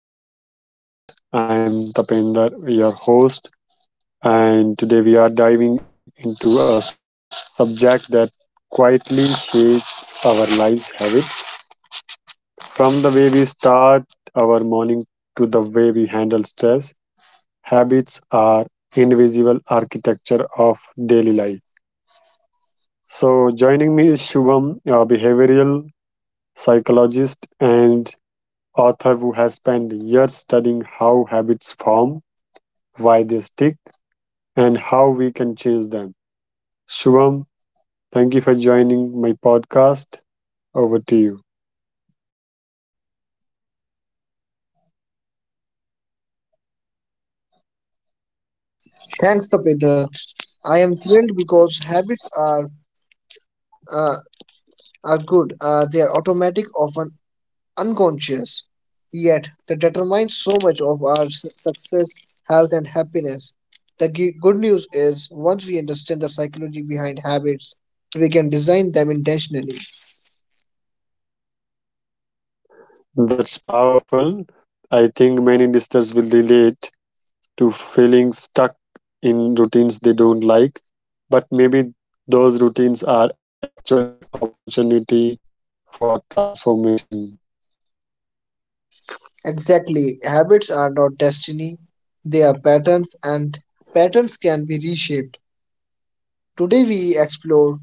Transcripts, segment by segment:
Habits podcast. I am Tapender, your host, and today we are diving into a subject that quietly shapes our lives' habits. From the way we start our morning to the way we handle stress, habits are invisible architecture of daily life. So, joining me is Shubham, a behavioral psychologist and author who has spent years studying how habits form, why they stick, and how we can change them. Shubham, thank you for joining my podcast. Over to you. Thanks, Tapeda. I am thrilled because habits uh, are good. They are automatic, often unconscious, yet they determine so much of our success, health, and happiness. The good news is, once we understand the psychology behind habits, we can design them intentionally. That's powerful. I think many listeners will relate to feeling stuck in routines they don't like, but maybe those routines are actually opportunity for transformation. Exactly, habits are not destiny; they are patterns, and patterns can be reshaped. Today, we explore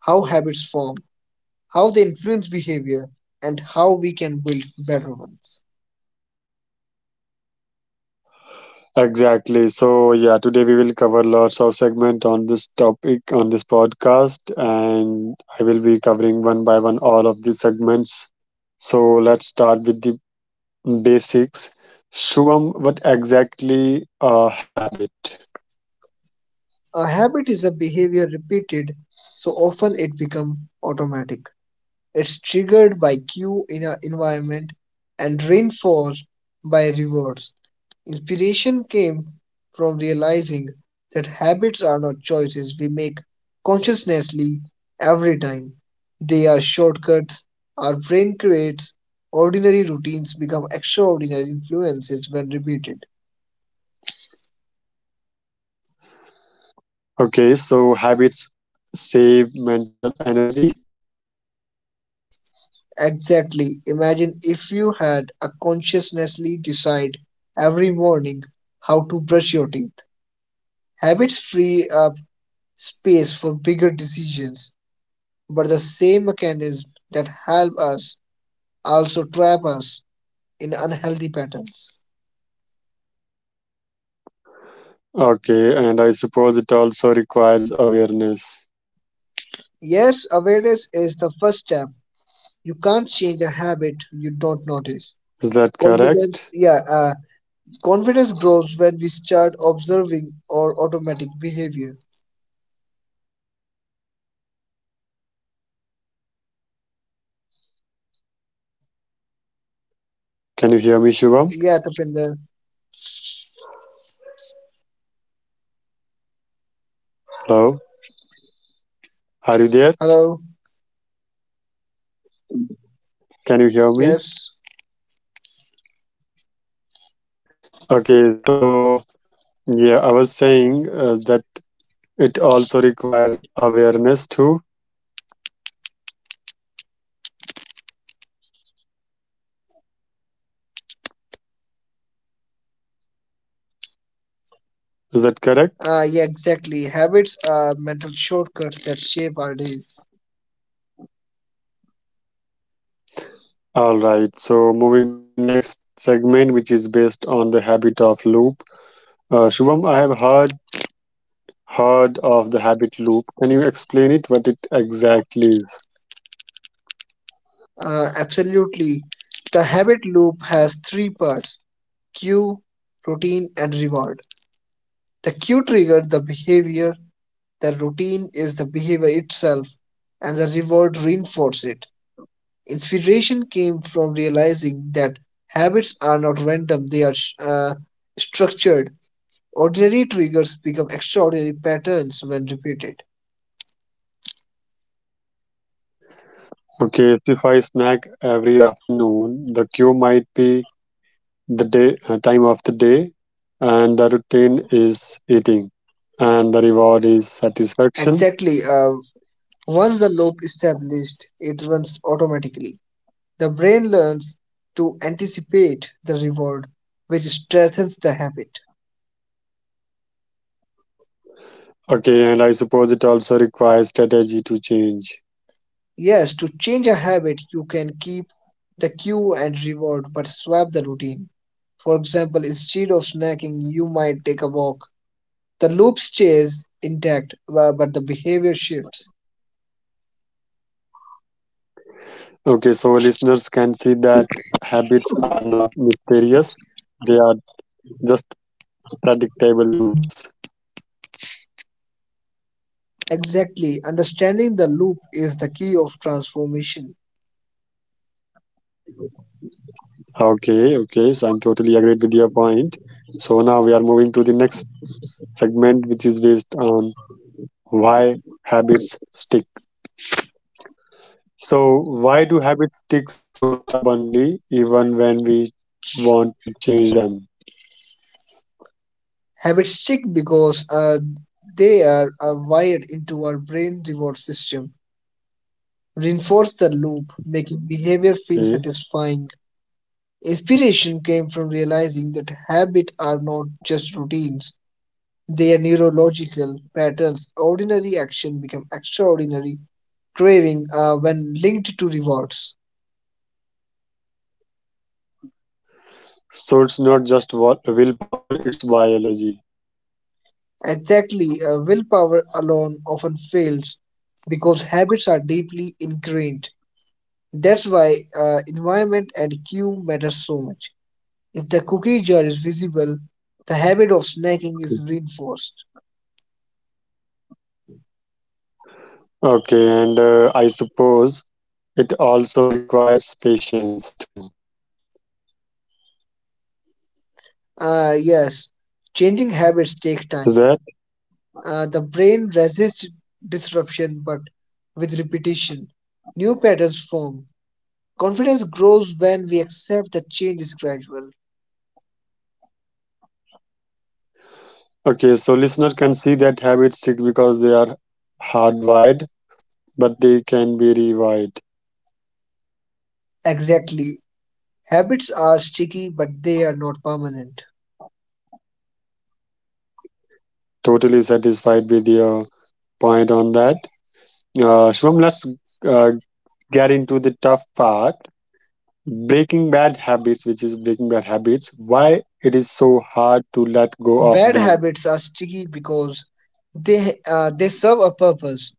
how habits form, how they influence behavior, and how we can build better ones. Exactly. So yeah, today we will cover lots of segment on this topic on this podcast, and I will be covering one by one all of these segments. So let's start with the basics. Shubham, what exactly a habit? A habit is a behavior repeated so often it becomes automatic. It's triggered by cue in our environment and reinforced by rewards. Inspiration came from realizing that habits are not choices we make consciously every time. They are shortcuts our brain creates. Ordinary routines become extraordinary influences when repeated. Okay, so habits save mental energy. Exactly. Imagine if you had a consciously decide every morning how to brush your teeth. Habits free up space for bigger decisions, but the same mechanisms that help us also trap us in unhealthy patterns. Okay, and I suppose it also requires awareness. Yes, awareness is the first step. You can't change a habit you don't notice. Is that correct? Confidence, yeah, confidence grows when we start observing our automatic behavior. Can you hear me, Shubham? Yeah, Tapinder. Hello, are you there? Hello. Can you hear me? Yes. Okay, so yeah, I was saying that it also requires awareness too. Is that correct? Yeah, exactly. Habits are mental shortcuts that shape our days. All right. So moving to the next segment, which is based on the habit of loop. Shubham, I have heard of the habit loop. Can you explain it? What it exactly is? Absolutely. The habit loop has three parts: cue, routine, and reward. The cue triggers the behavior, the routine is the behavior itself, and the reward reinforces it. Inspiration came from realizing that habits are not random, they are structured. Ordinary triggers become extraordinary patterns when repeated. Okay, if I snack every afternoon, the cue might be the day time of the day, and the routine is eating, and the reward is satisfaction. Exactly. Once the loop is established, it runs automatically. The brain learns to anticipate the reward, which strengthens the habit. Okay, and I suppose it also requires strategy to change. Yes, to change a habit, you can keep the cue and reward, but swap the routine. For example, instead of snacking, you might take a walk. The loop stays intact, but the behavior shifts. Okay, so listeners can see that habits are not mysterious, they are just predictable loops. Exactly. Understanding the loop is the key of transformation. Okay, okay, so I'm totally agreed with your point. So now we are moving to the next segment, which is based on why habits stick. So, why do habits stick so stubbornly even when we want to change them? Habits stick because they are wired into our brain reward system. Reinforce the loop, making behavior feel Okay. satisfying. Inspiration came from realizing that habits are not just routines, they are neurological patterns. Ordinary action become extraordinary, craving when linked to rewards. So it's not just willpower, it's biology. Exactly, willpower alone often fails because habits are deeply ingrained. That's why environment and cue matter so much. If the cookie jar is visible, the habit of Okay, snacking is reinforced. okay, and I suppose it also requires patience too. Yes, changing habits take Is time. that The brain resists disruption, but with repetition, new patterns form. Confidence grows when we accept that change is gradual. okay? So listener can see that habits stick because they are hardwired, but they can be rewired. Exactly. Habits are sticky, but they are not permanent. Totally satisfied with your point on that. Shubham, let's uh, get into the tough part: breaking bad habits, which is breaking bad habits. Why it is so hard to let go Bad of them? habits are sticky because they they serve a purpose.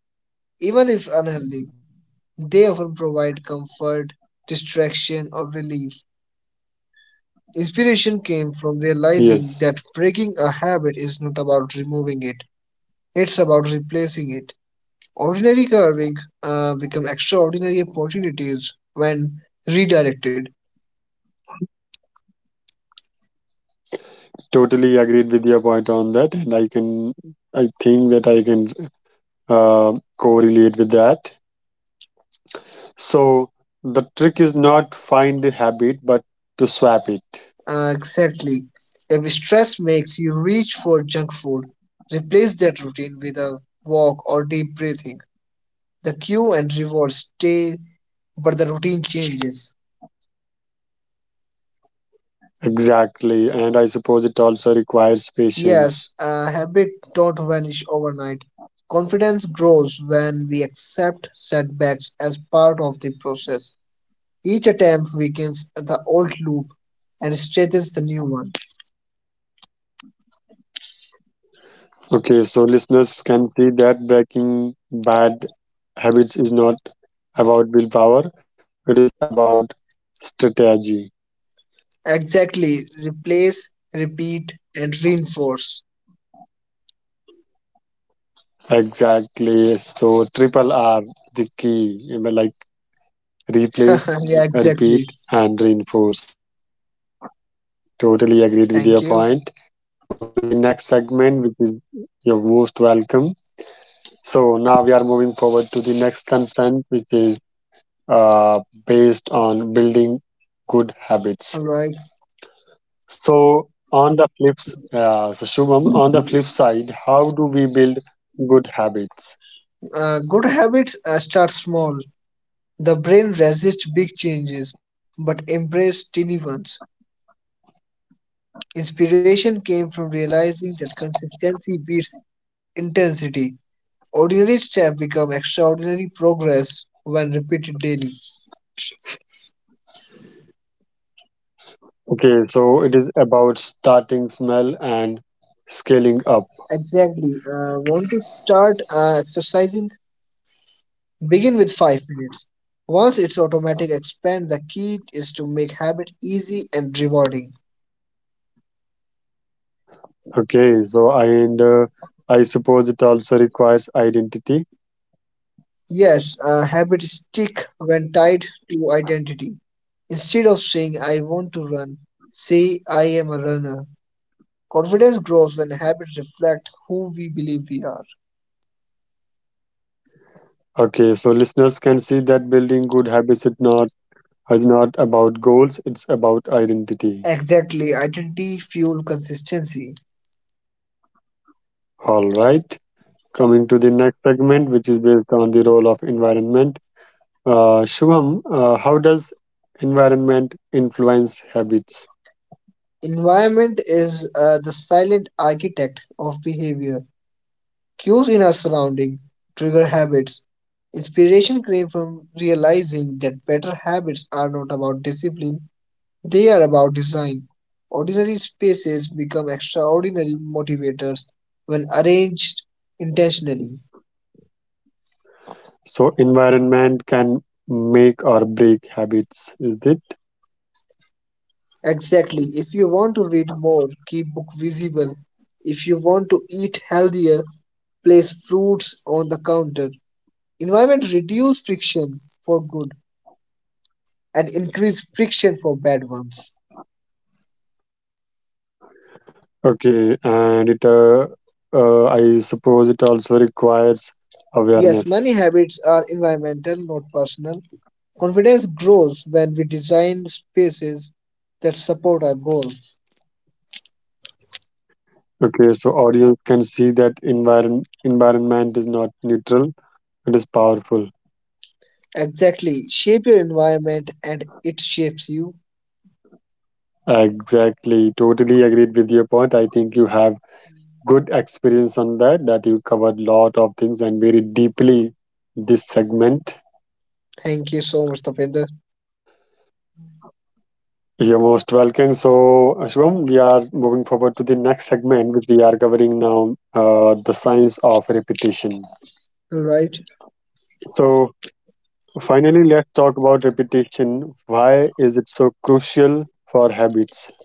Even if unhealthy, they often provide comfort, distraction, or relief. Inspiration came from realizing Yes. that breaking a habit is not about removing it, it's about replacing it. Ordinary carving become extraordinary opportunities when redirected. Totally agreed with your point on that, and I think that I can correlate with that. So the trick is not find the habit, but to swap it. Exactly. If stress makes you reach for junk food, replace that routine with a walk or deep breathing. The cue and reward stay, but the routine changes. Exactly, and I suppose it also requires Yes, patience. a habit don't vanish overnight. Confidence grows when we accept setbacks as part of the process. Each attempt weakens the old loop and strengthens the new one. Okay, so listeners can see that breaking bad habits is not about willpower; it is about strategy. Exactly. Replace, repeat, and reinforce. Exactly. So triple R, the key. You know, like replace, Yeah, repeat, exactly. and reinforce. Totally agreed with your Thank you. point. Coming to the next segment, which is your most welcome. So now we are moving forward to the next consent, which is uh, based on building good All habits. right. So on the flips, so Shubham, on the flip side, how do we build good habits? Good habits start small. The brain resists big changes but embrace tiny ones. Inspiration came from Okay, realizing that consistency beats intensity. Ordinary steps become extraordinary progress when repeated daily. okay. So it is about starting small and scaling up. Exactly. Want to start exercising? Begin with 5 minutes. Once it's automatic, expand. The key is to make habit easy and rewarding. Okay, so I suppose it also requires identity. Yes, habits stick when tied to identity. Instead of saying, I want to run, say, I am a runner. Confidence grows when habits reflect who we believe we are. Okay, so listeners can see that building good habits it not is not about goals, it's about identity. Exactly, identity fuel consistency. All right. Coming to the next segment, which is based on the role of environment. Shubham, how does environment influence habits? Environment is the silent architect of behavior. Cues in our surrounding trigger habits. Inspiration came from realizing that better habits are not about discipline, they are about design. Ordinary spaces become extraordinary motivators when arranged intentionally. So environment can make or break habits, is it? Exactly. If you want to read more, keep book visible. If you want to eat healthier, place fruits on the counter. Environment reduce friction for good and increase friction for bad ones. Okay, and I suppose it also requires Yes, many awareness. habits are environmental, not personal. Confidence grows when we design spaces that support our goals. Okay, so audience can see that environment is not neutral, it is powerful. Exactly. Shape your environment and it shapes you. Exactly, totally agreed with your point. I think you have good experience on that, that you covered lot of things and very deeply this segment. Thank you so much, Tapinder. You're most welcome. So, Ashwam, we are moving forward to the next segment, which we are covering now, the science of repetition. All right. So, finally, let's talk about repetition. Why is it so crucial for habits?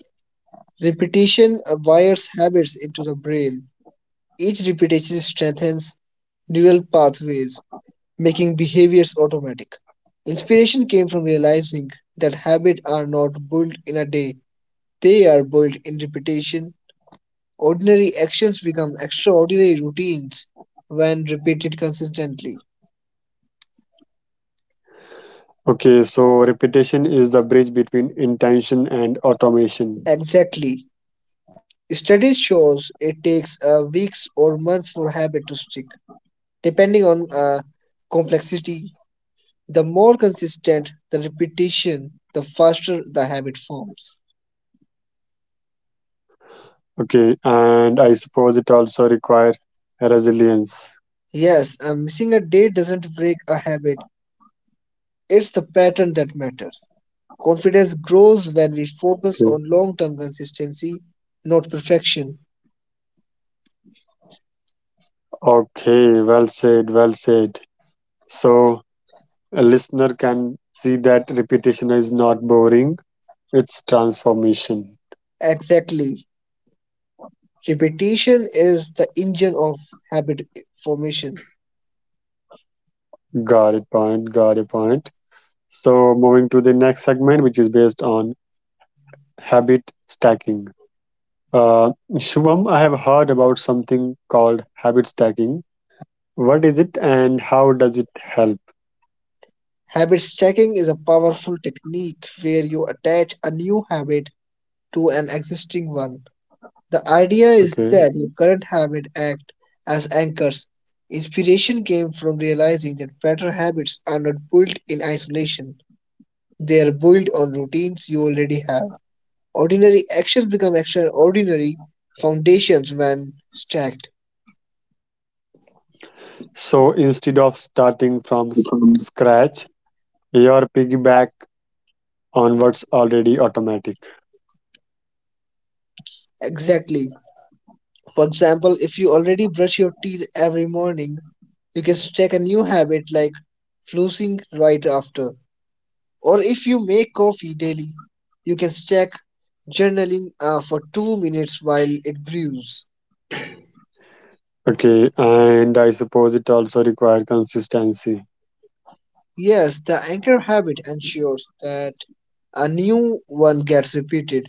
Repetition wires habits into the brain. Each repetition strengthens neural pathways, making behaviors automatic. Inspiration came from realizing that habits are not built in a day, they are built in repetition. Ordinary actions become extraordinary routines when repeated consistently. Okay, so repetition is the bridge between intention and automation. Exactly. Studies shows it takes weeks or months for habit to stick, depending on complexity. The more consistent the repetition, the faster the habit forms. Okay, and I suppose it also requires resilience. Yes, missing a day doesn't break a habit, it's the pattern that matters. Confidence grows when we focus Okay, on long term consistency, not perfection. okay, well said, well said. So, a listener can see that repetition is not boring, it's transformation. Exactly. Repetition is the engine of habit formation. Got it, point. So, moving to the next segment, which is based on habit stacking. Shubham, I have heard about something called habit stacking. What is it and how does it help? Habit stacking is a powerful technique where you attach a new habit to an existing one. The idea is that Okay. your current habits act as anchors. Inspiration came from realizing that better habits are not built in isolation. They are built on routines you already have. Ordinary actions become extraordinary foundations when stacked. So instead of starting from scratch, your piggyback on what's already automatic. Exactly. For example, if you already brush your teeth every morning, you can stack a new habit like flossing right after. Or if you make coffee daily, you can check journaling for 2 minutes while it brews. Okay. And I suppose it also requires consistency. Yes, the anchor habit ensures that a new one gets repeated.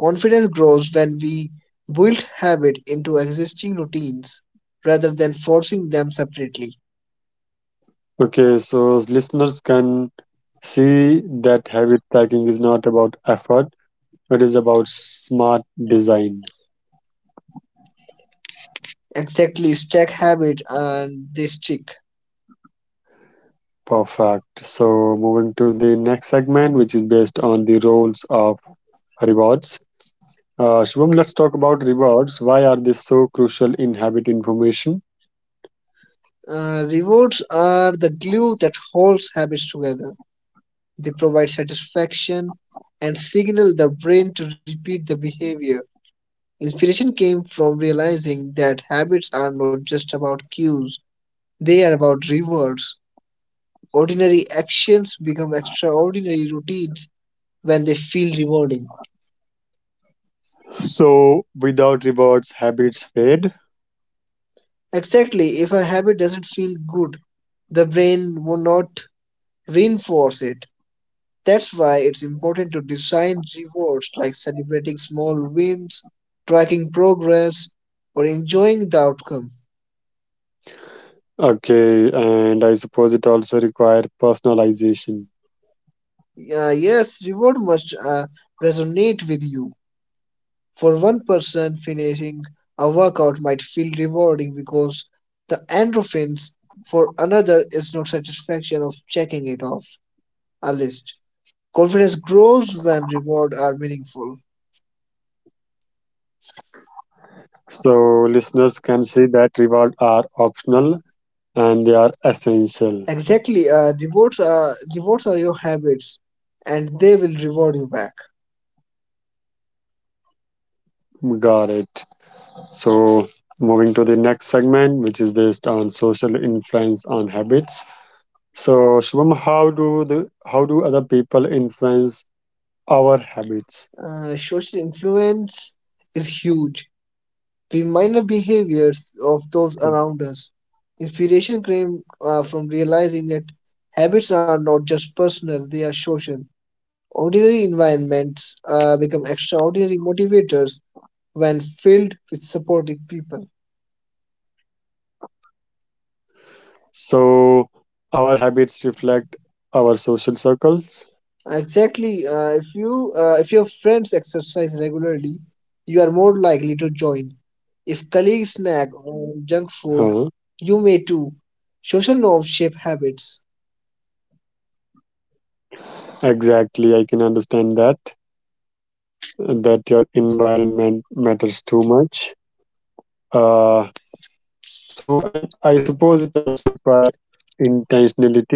Confidence grows when we build habit into existing routines rather than forcing them separately. Okay. So listeners can see that habit stacking is not about effort, it is about smart design. Exactly, stack habit and they stick. Perfect. So, moving to the next segment, which is based on the roles of rewards. Shubham, let's talk about rewards. Why are they so crucial in habit information? Rewards are the glue that holds habits together. They provide satisfaction and signal the brain to repeat the behavior. Inspiration came from realizing that habits are not just about cues, they are about rewards. Ordinary actions become extraordinary routines when they feel rewarding. So, without rewards, habits fade. Exactly, if a habit doesn't feel good, the brain will not reinforce it. That's why it's important to design rewards like celebrating small wins, tracking progress, or enjoying the outcome. Okay, and I suppose it also require personalization. Yes, reward must resonate with you. For one person, finishing a workout might feel rewarding because the endorphins. For another, is not satisfaction of checking it off a list. Confidence grows when rewards are meaningful. So, listeners can see that rewards are optional and they are essential. Exactly. Rewards are rewards are your habits, and they will reward you back. Got it. So, moving to the next segment, which is based on social influence on habits. So, Shubham, how do other people influence our habits? Social influence is huge. We minor behaviors of those around us. Inspiration came from realizing that habits are not just personal; they are social. Ordinary environments become extraordinary motivators when filled with supportive people. So, our habits reflect our social circles. Exactly. If your friends exercise regularly, you are more likely to join. If colleagues snack on junk food, Huh. you may too. Social norms shape habits. Exactly, I can understand that that your environment matters too much. Uh, so, and I suppose it also requires intentionality.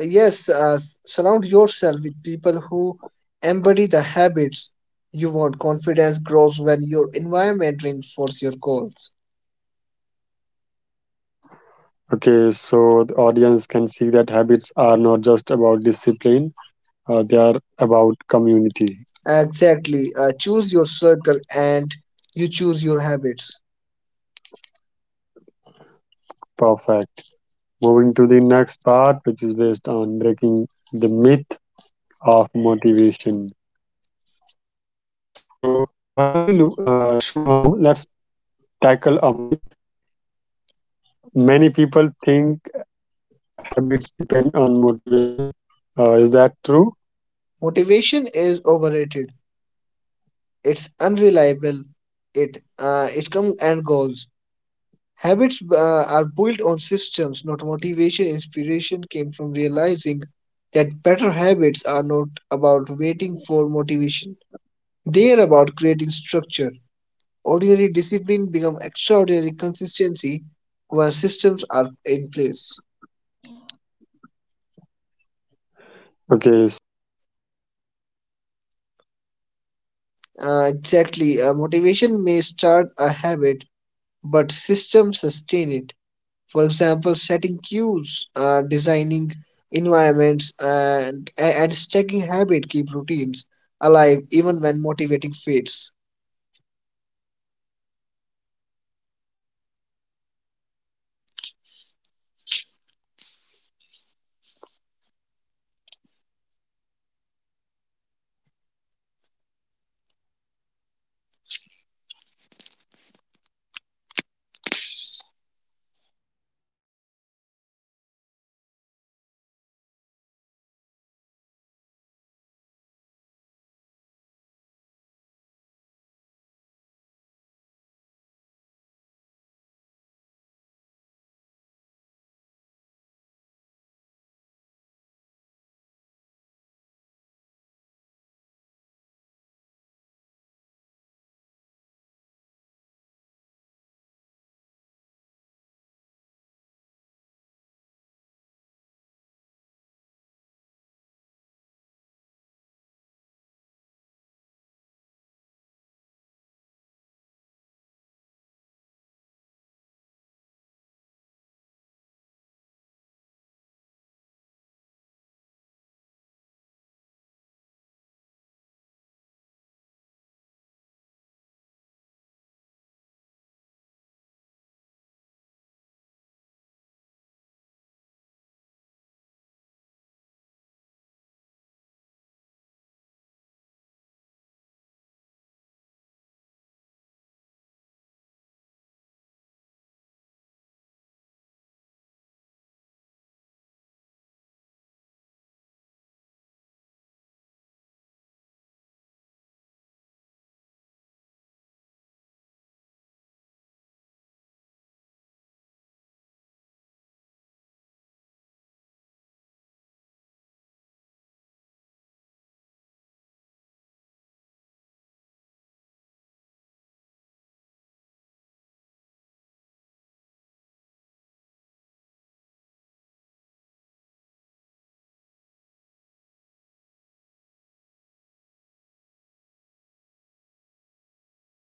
Yes, surround yourself with people who embody the habits you want. Confidence grows when your environment reinforces your goals. Okay, so the audience can see that habits are not just about discipline, they are about community. Exactly. Choose your circle and you choose your habits. Perfect. Moving to the next part, which is based on breaking the myth of motivation. So, finally, Shubham, let's tackle a myth. Many people think habits depend on motivation. Is that true? Motivation is overrated. It's unreliable. It comes and goes. Habits are built on systems, not motivation. Inspiration came from realizing that better habits are not about waiting for motivation. They are about creating structure. Ordinary discipline become extraordinary consistency when systems are in place. Okay, so motivation is not the engine, it's the Uh, spark, exactly. Motivation may start a habit, but systems sustain it. For example, setting is it? cues, designing environments, and stacking habit keep routines alive even when motivating fades. Okay, mm, can you hear me? Hello? Okay, so Shivam, let's move. So I think listeners can see the motivation is not the secret, structure is. Can you share your opinion on that? Okay, so I think uh, you might occupied somewhere else or he may have something urgent needs to be closed. Shivam, if you can hear me, so we can continue this podcast, or either we can close this or wrap this podcast here. Here it only. Can you listen me? Hello. I think we have covered a lot of topics, Shivam, on this topic today. If you can spare a little more time, so I'll be thankful for you. I won't be forced for your time. I already thankful to you that you have covered a lot of topics with us today, and today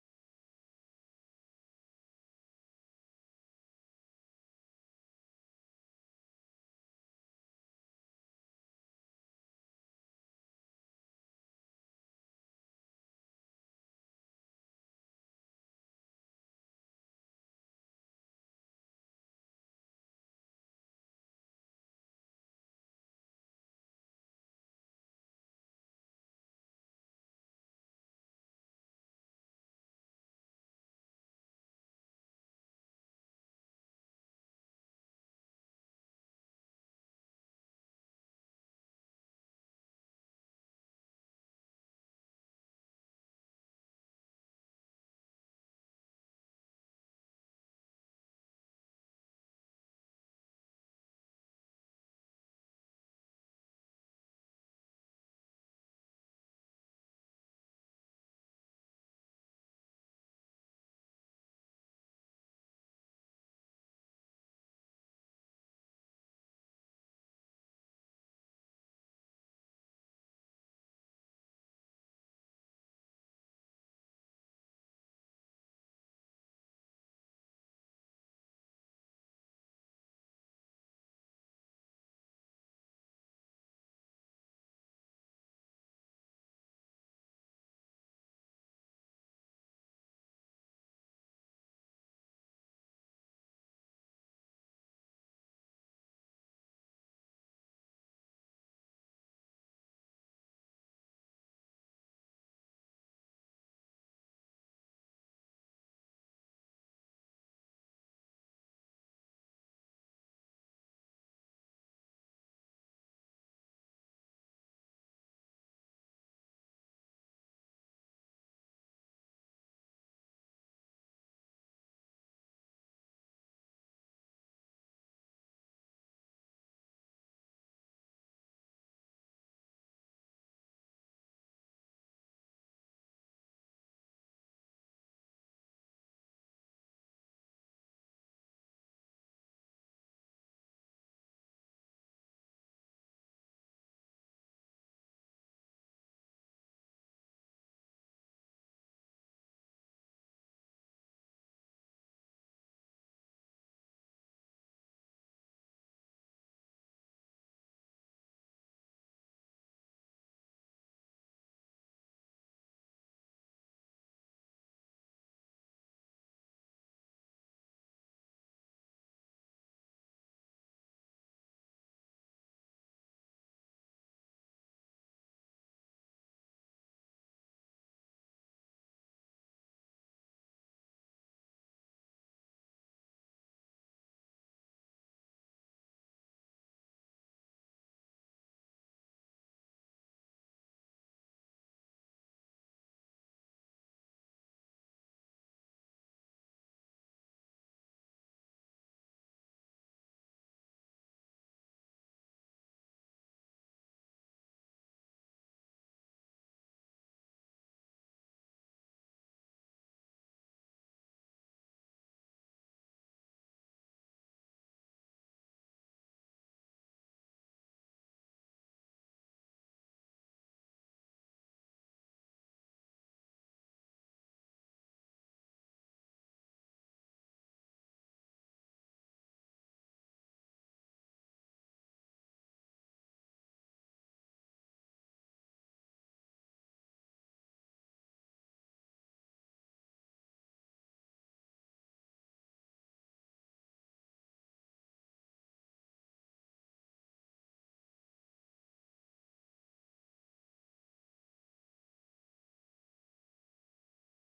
I'm just wrapping this session because without your presence, I won't be able to continue this topic as it's a two-way conversation. So yeah, I really at the end I really appreciate your time and patience. Now I'm about to wrapping this session here. It only uh, to our audience at the last I would say as we bring this conversation to a close. One truth stands out: habits are not just small routines, they are the indivisible architecture of our lives. They shape our morning, our choices, our relationship, and ultimately our identity as well. What we have explored today is that habits are not destiny, they are designed, and design is something we can change. And also, habits are powerful because they operate quietly, often without us noticing. But once we shine a light on them, we realize that they can be reshaped. Whether it's breaking a bad habit, building a good one, or stacking a new behaviors onto old ones, the process is always within our reach. The psychology of habits teaches us that transformation does not come from one big leap, it comes from small, consistent steps. Yeah, and I think I think that's the message our listeners can carry. Don't underestimate the small things. Every repetition, every cue, every reward is brick in the foundation of who you are becoming. Habits are not about perfection, they are about persistence. And lastly, it's more important to remember that setbacks are part of our journey. Missing a day does not erase progress. What matters is returning to the path again and again. Confidence grows when we trust the process and celebrate the small wins. Habits are built not in moments of motivation but in moments of consistency. So, at the end, to everyone listening, set small, stay consistent, and let your habits reflect the person you want to be. Don't wait for the perfect time. Begin now, start now, and because every habit you build is a boat for your future self. So habits are the bridge between you, between who you are today and who you want to be become tomorrow. So yeah, this has been the psychology of habits. I'm Tapender, joined by the Shubham. I would like to say thank you for spending time with us. Until next time, keep building habits that empower you and shaping the life you truly want. So that's all from my side. Wrapping this session now on, I would say to our listener that they will definitely adhere it, and this podcast will help them to uh, build the good habits. So I'm covering this. I'm wrapping this podcast. Stay connected, stay tuned for the next next podcast. Until then, bye bye. Take care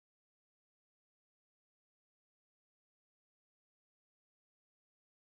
and keep shaping the life you want truly want to be. Thank you. Thanks a lot.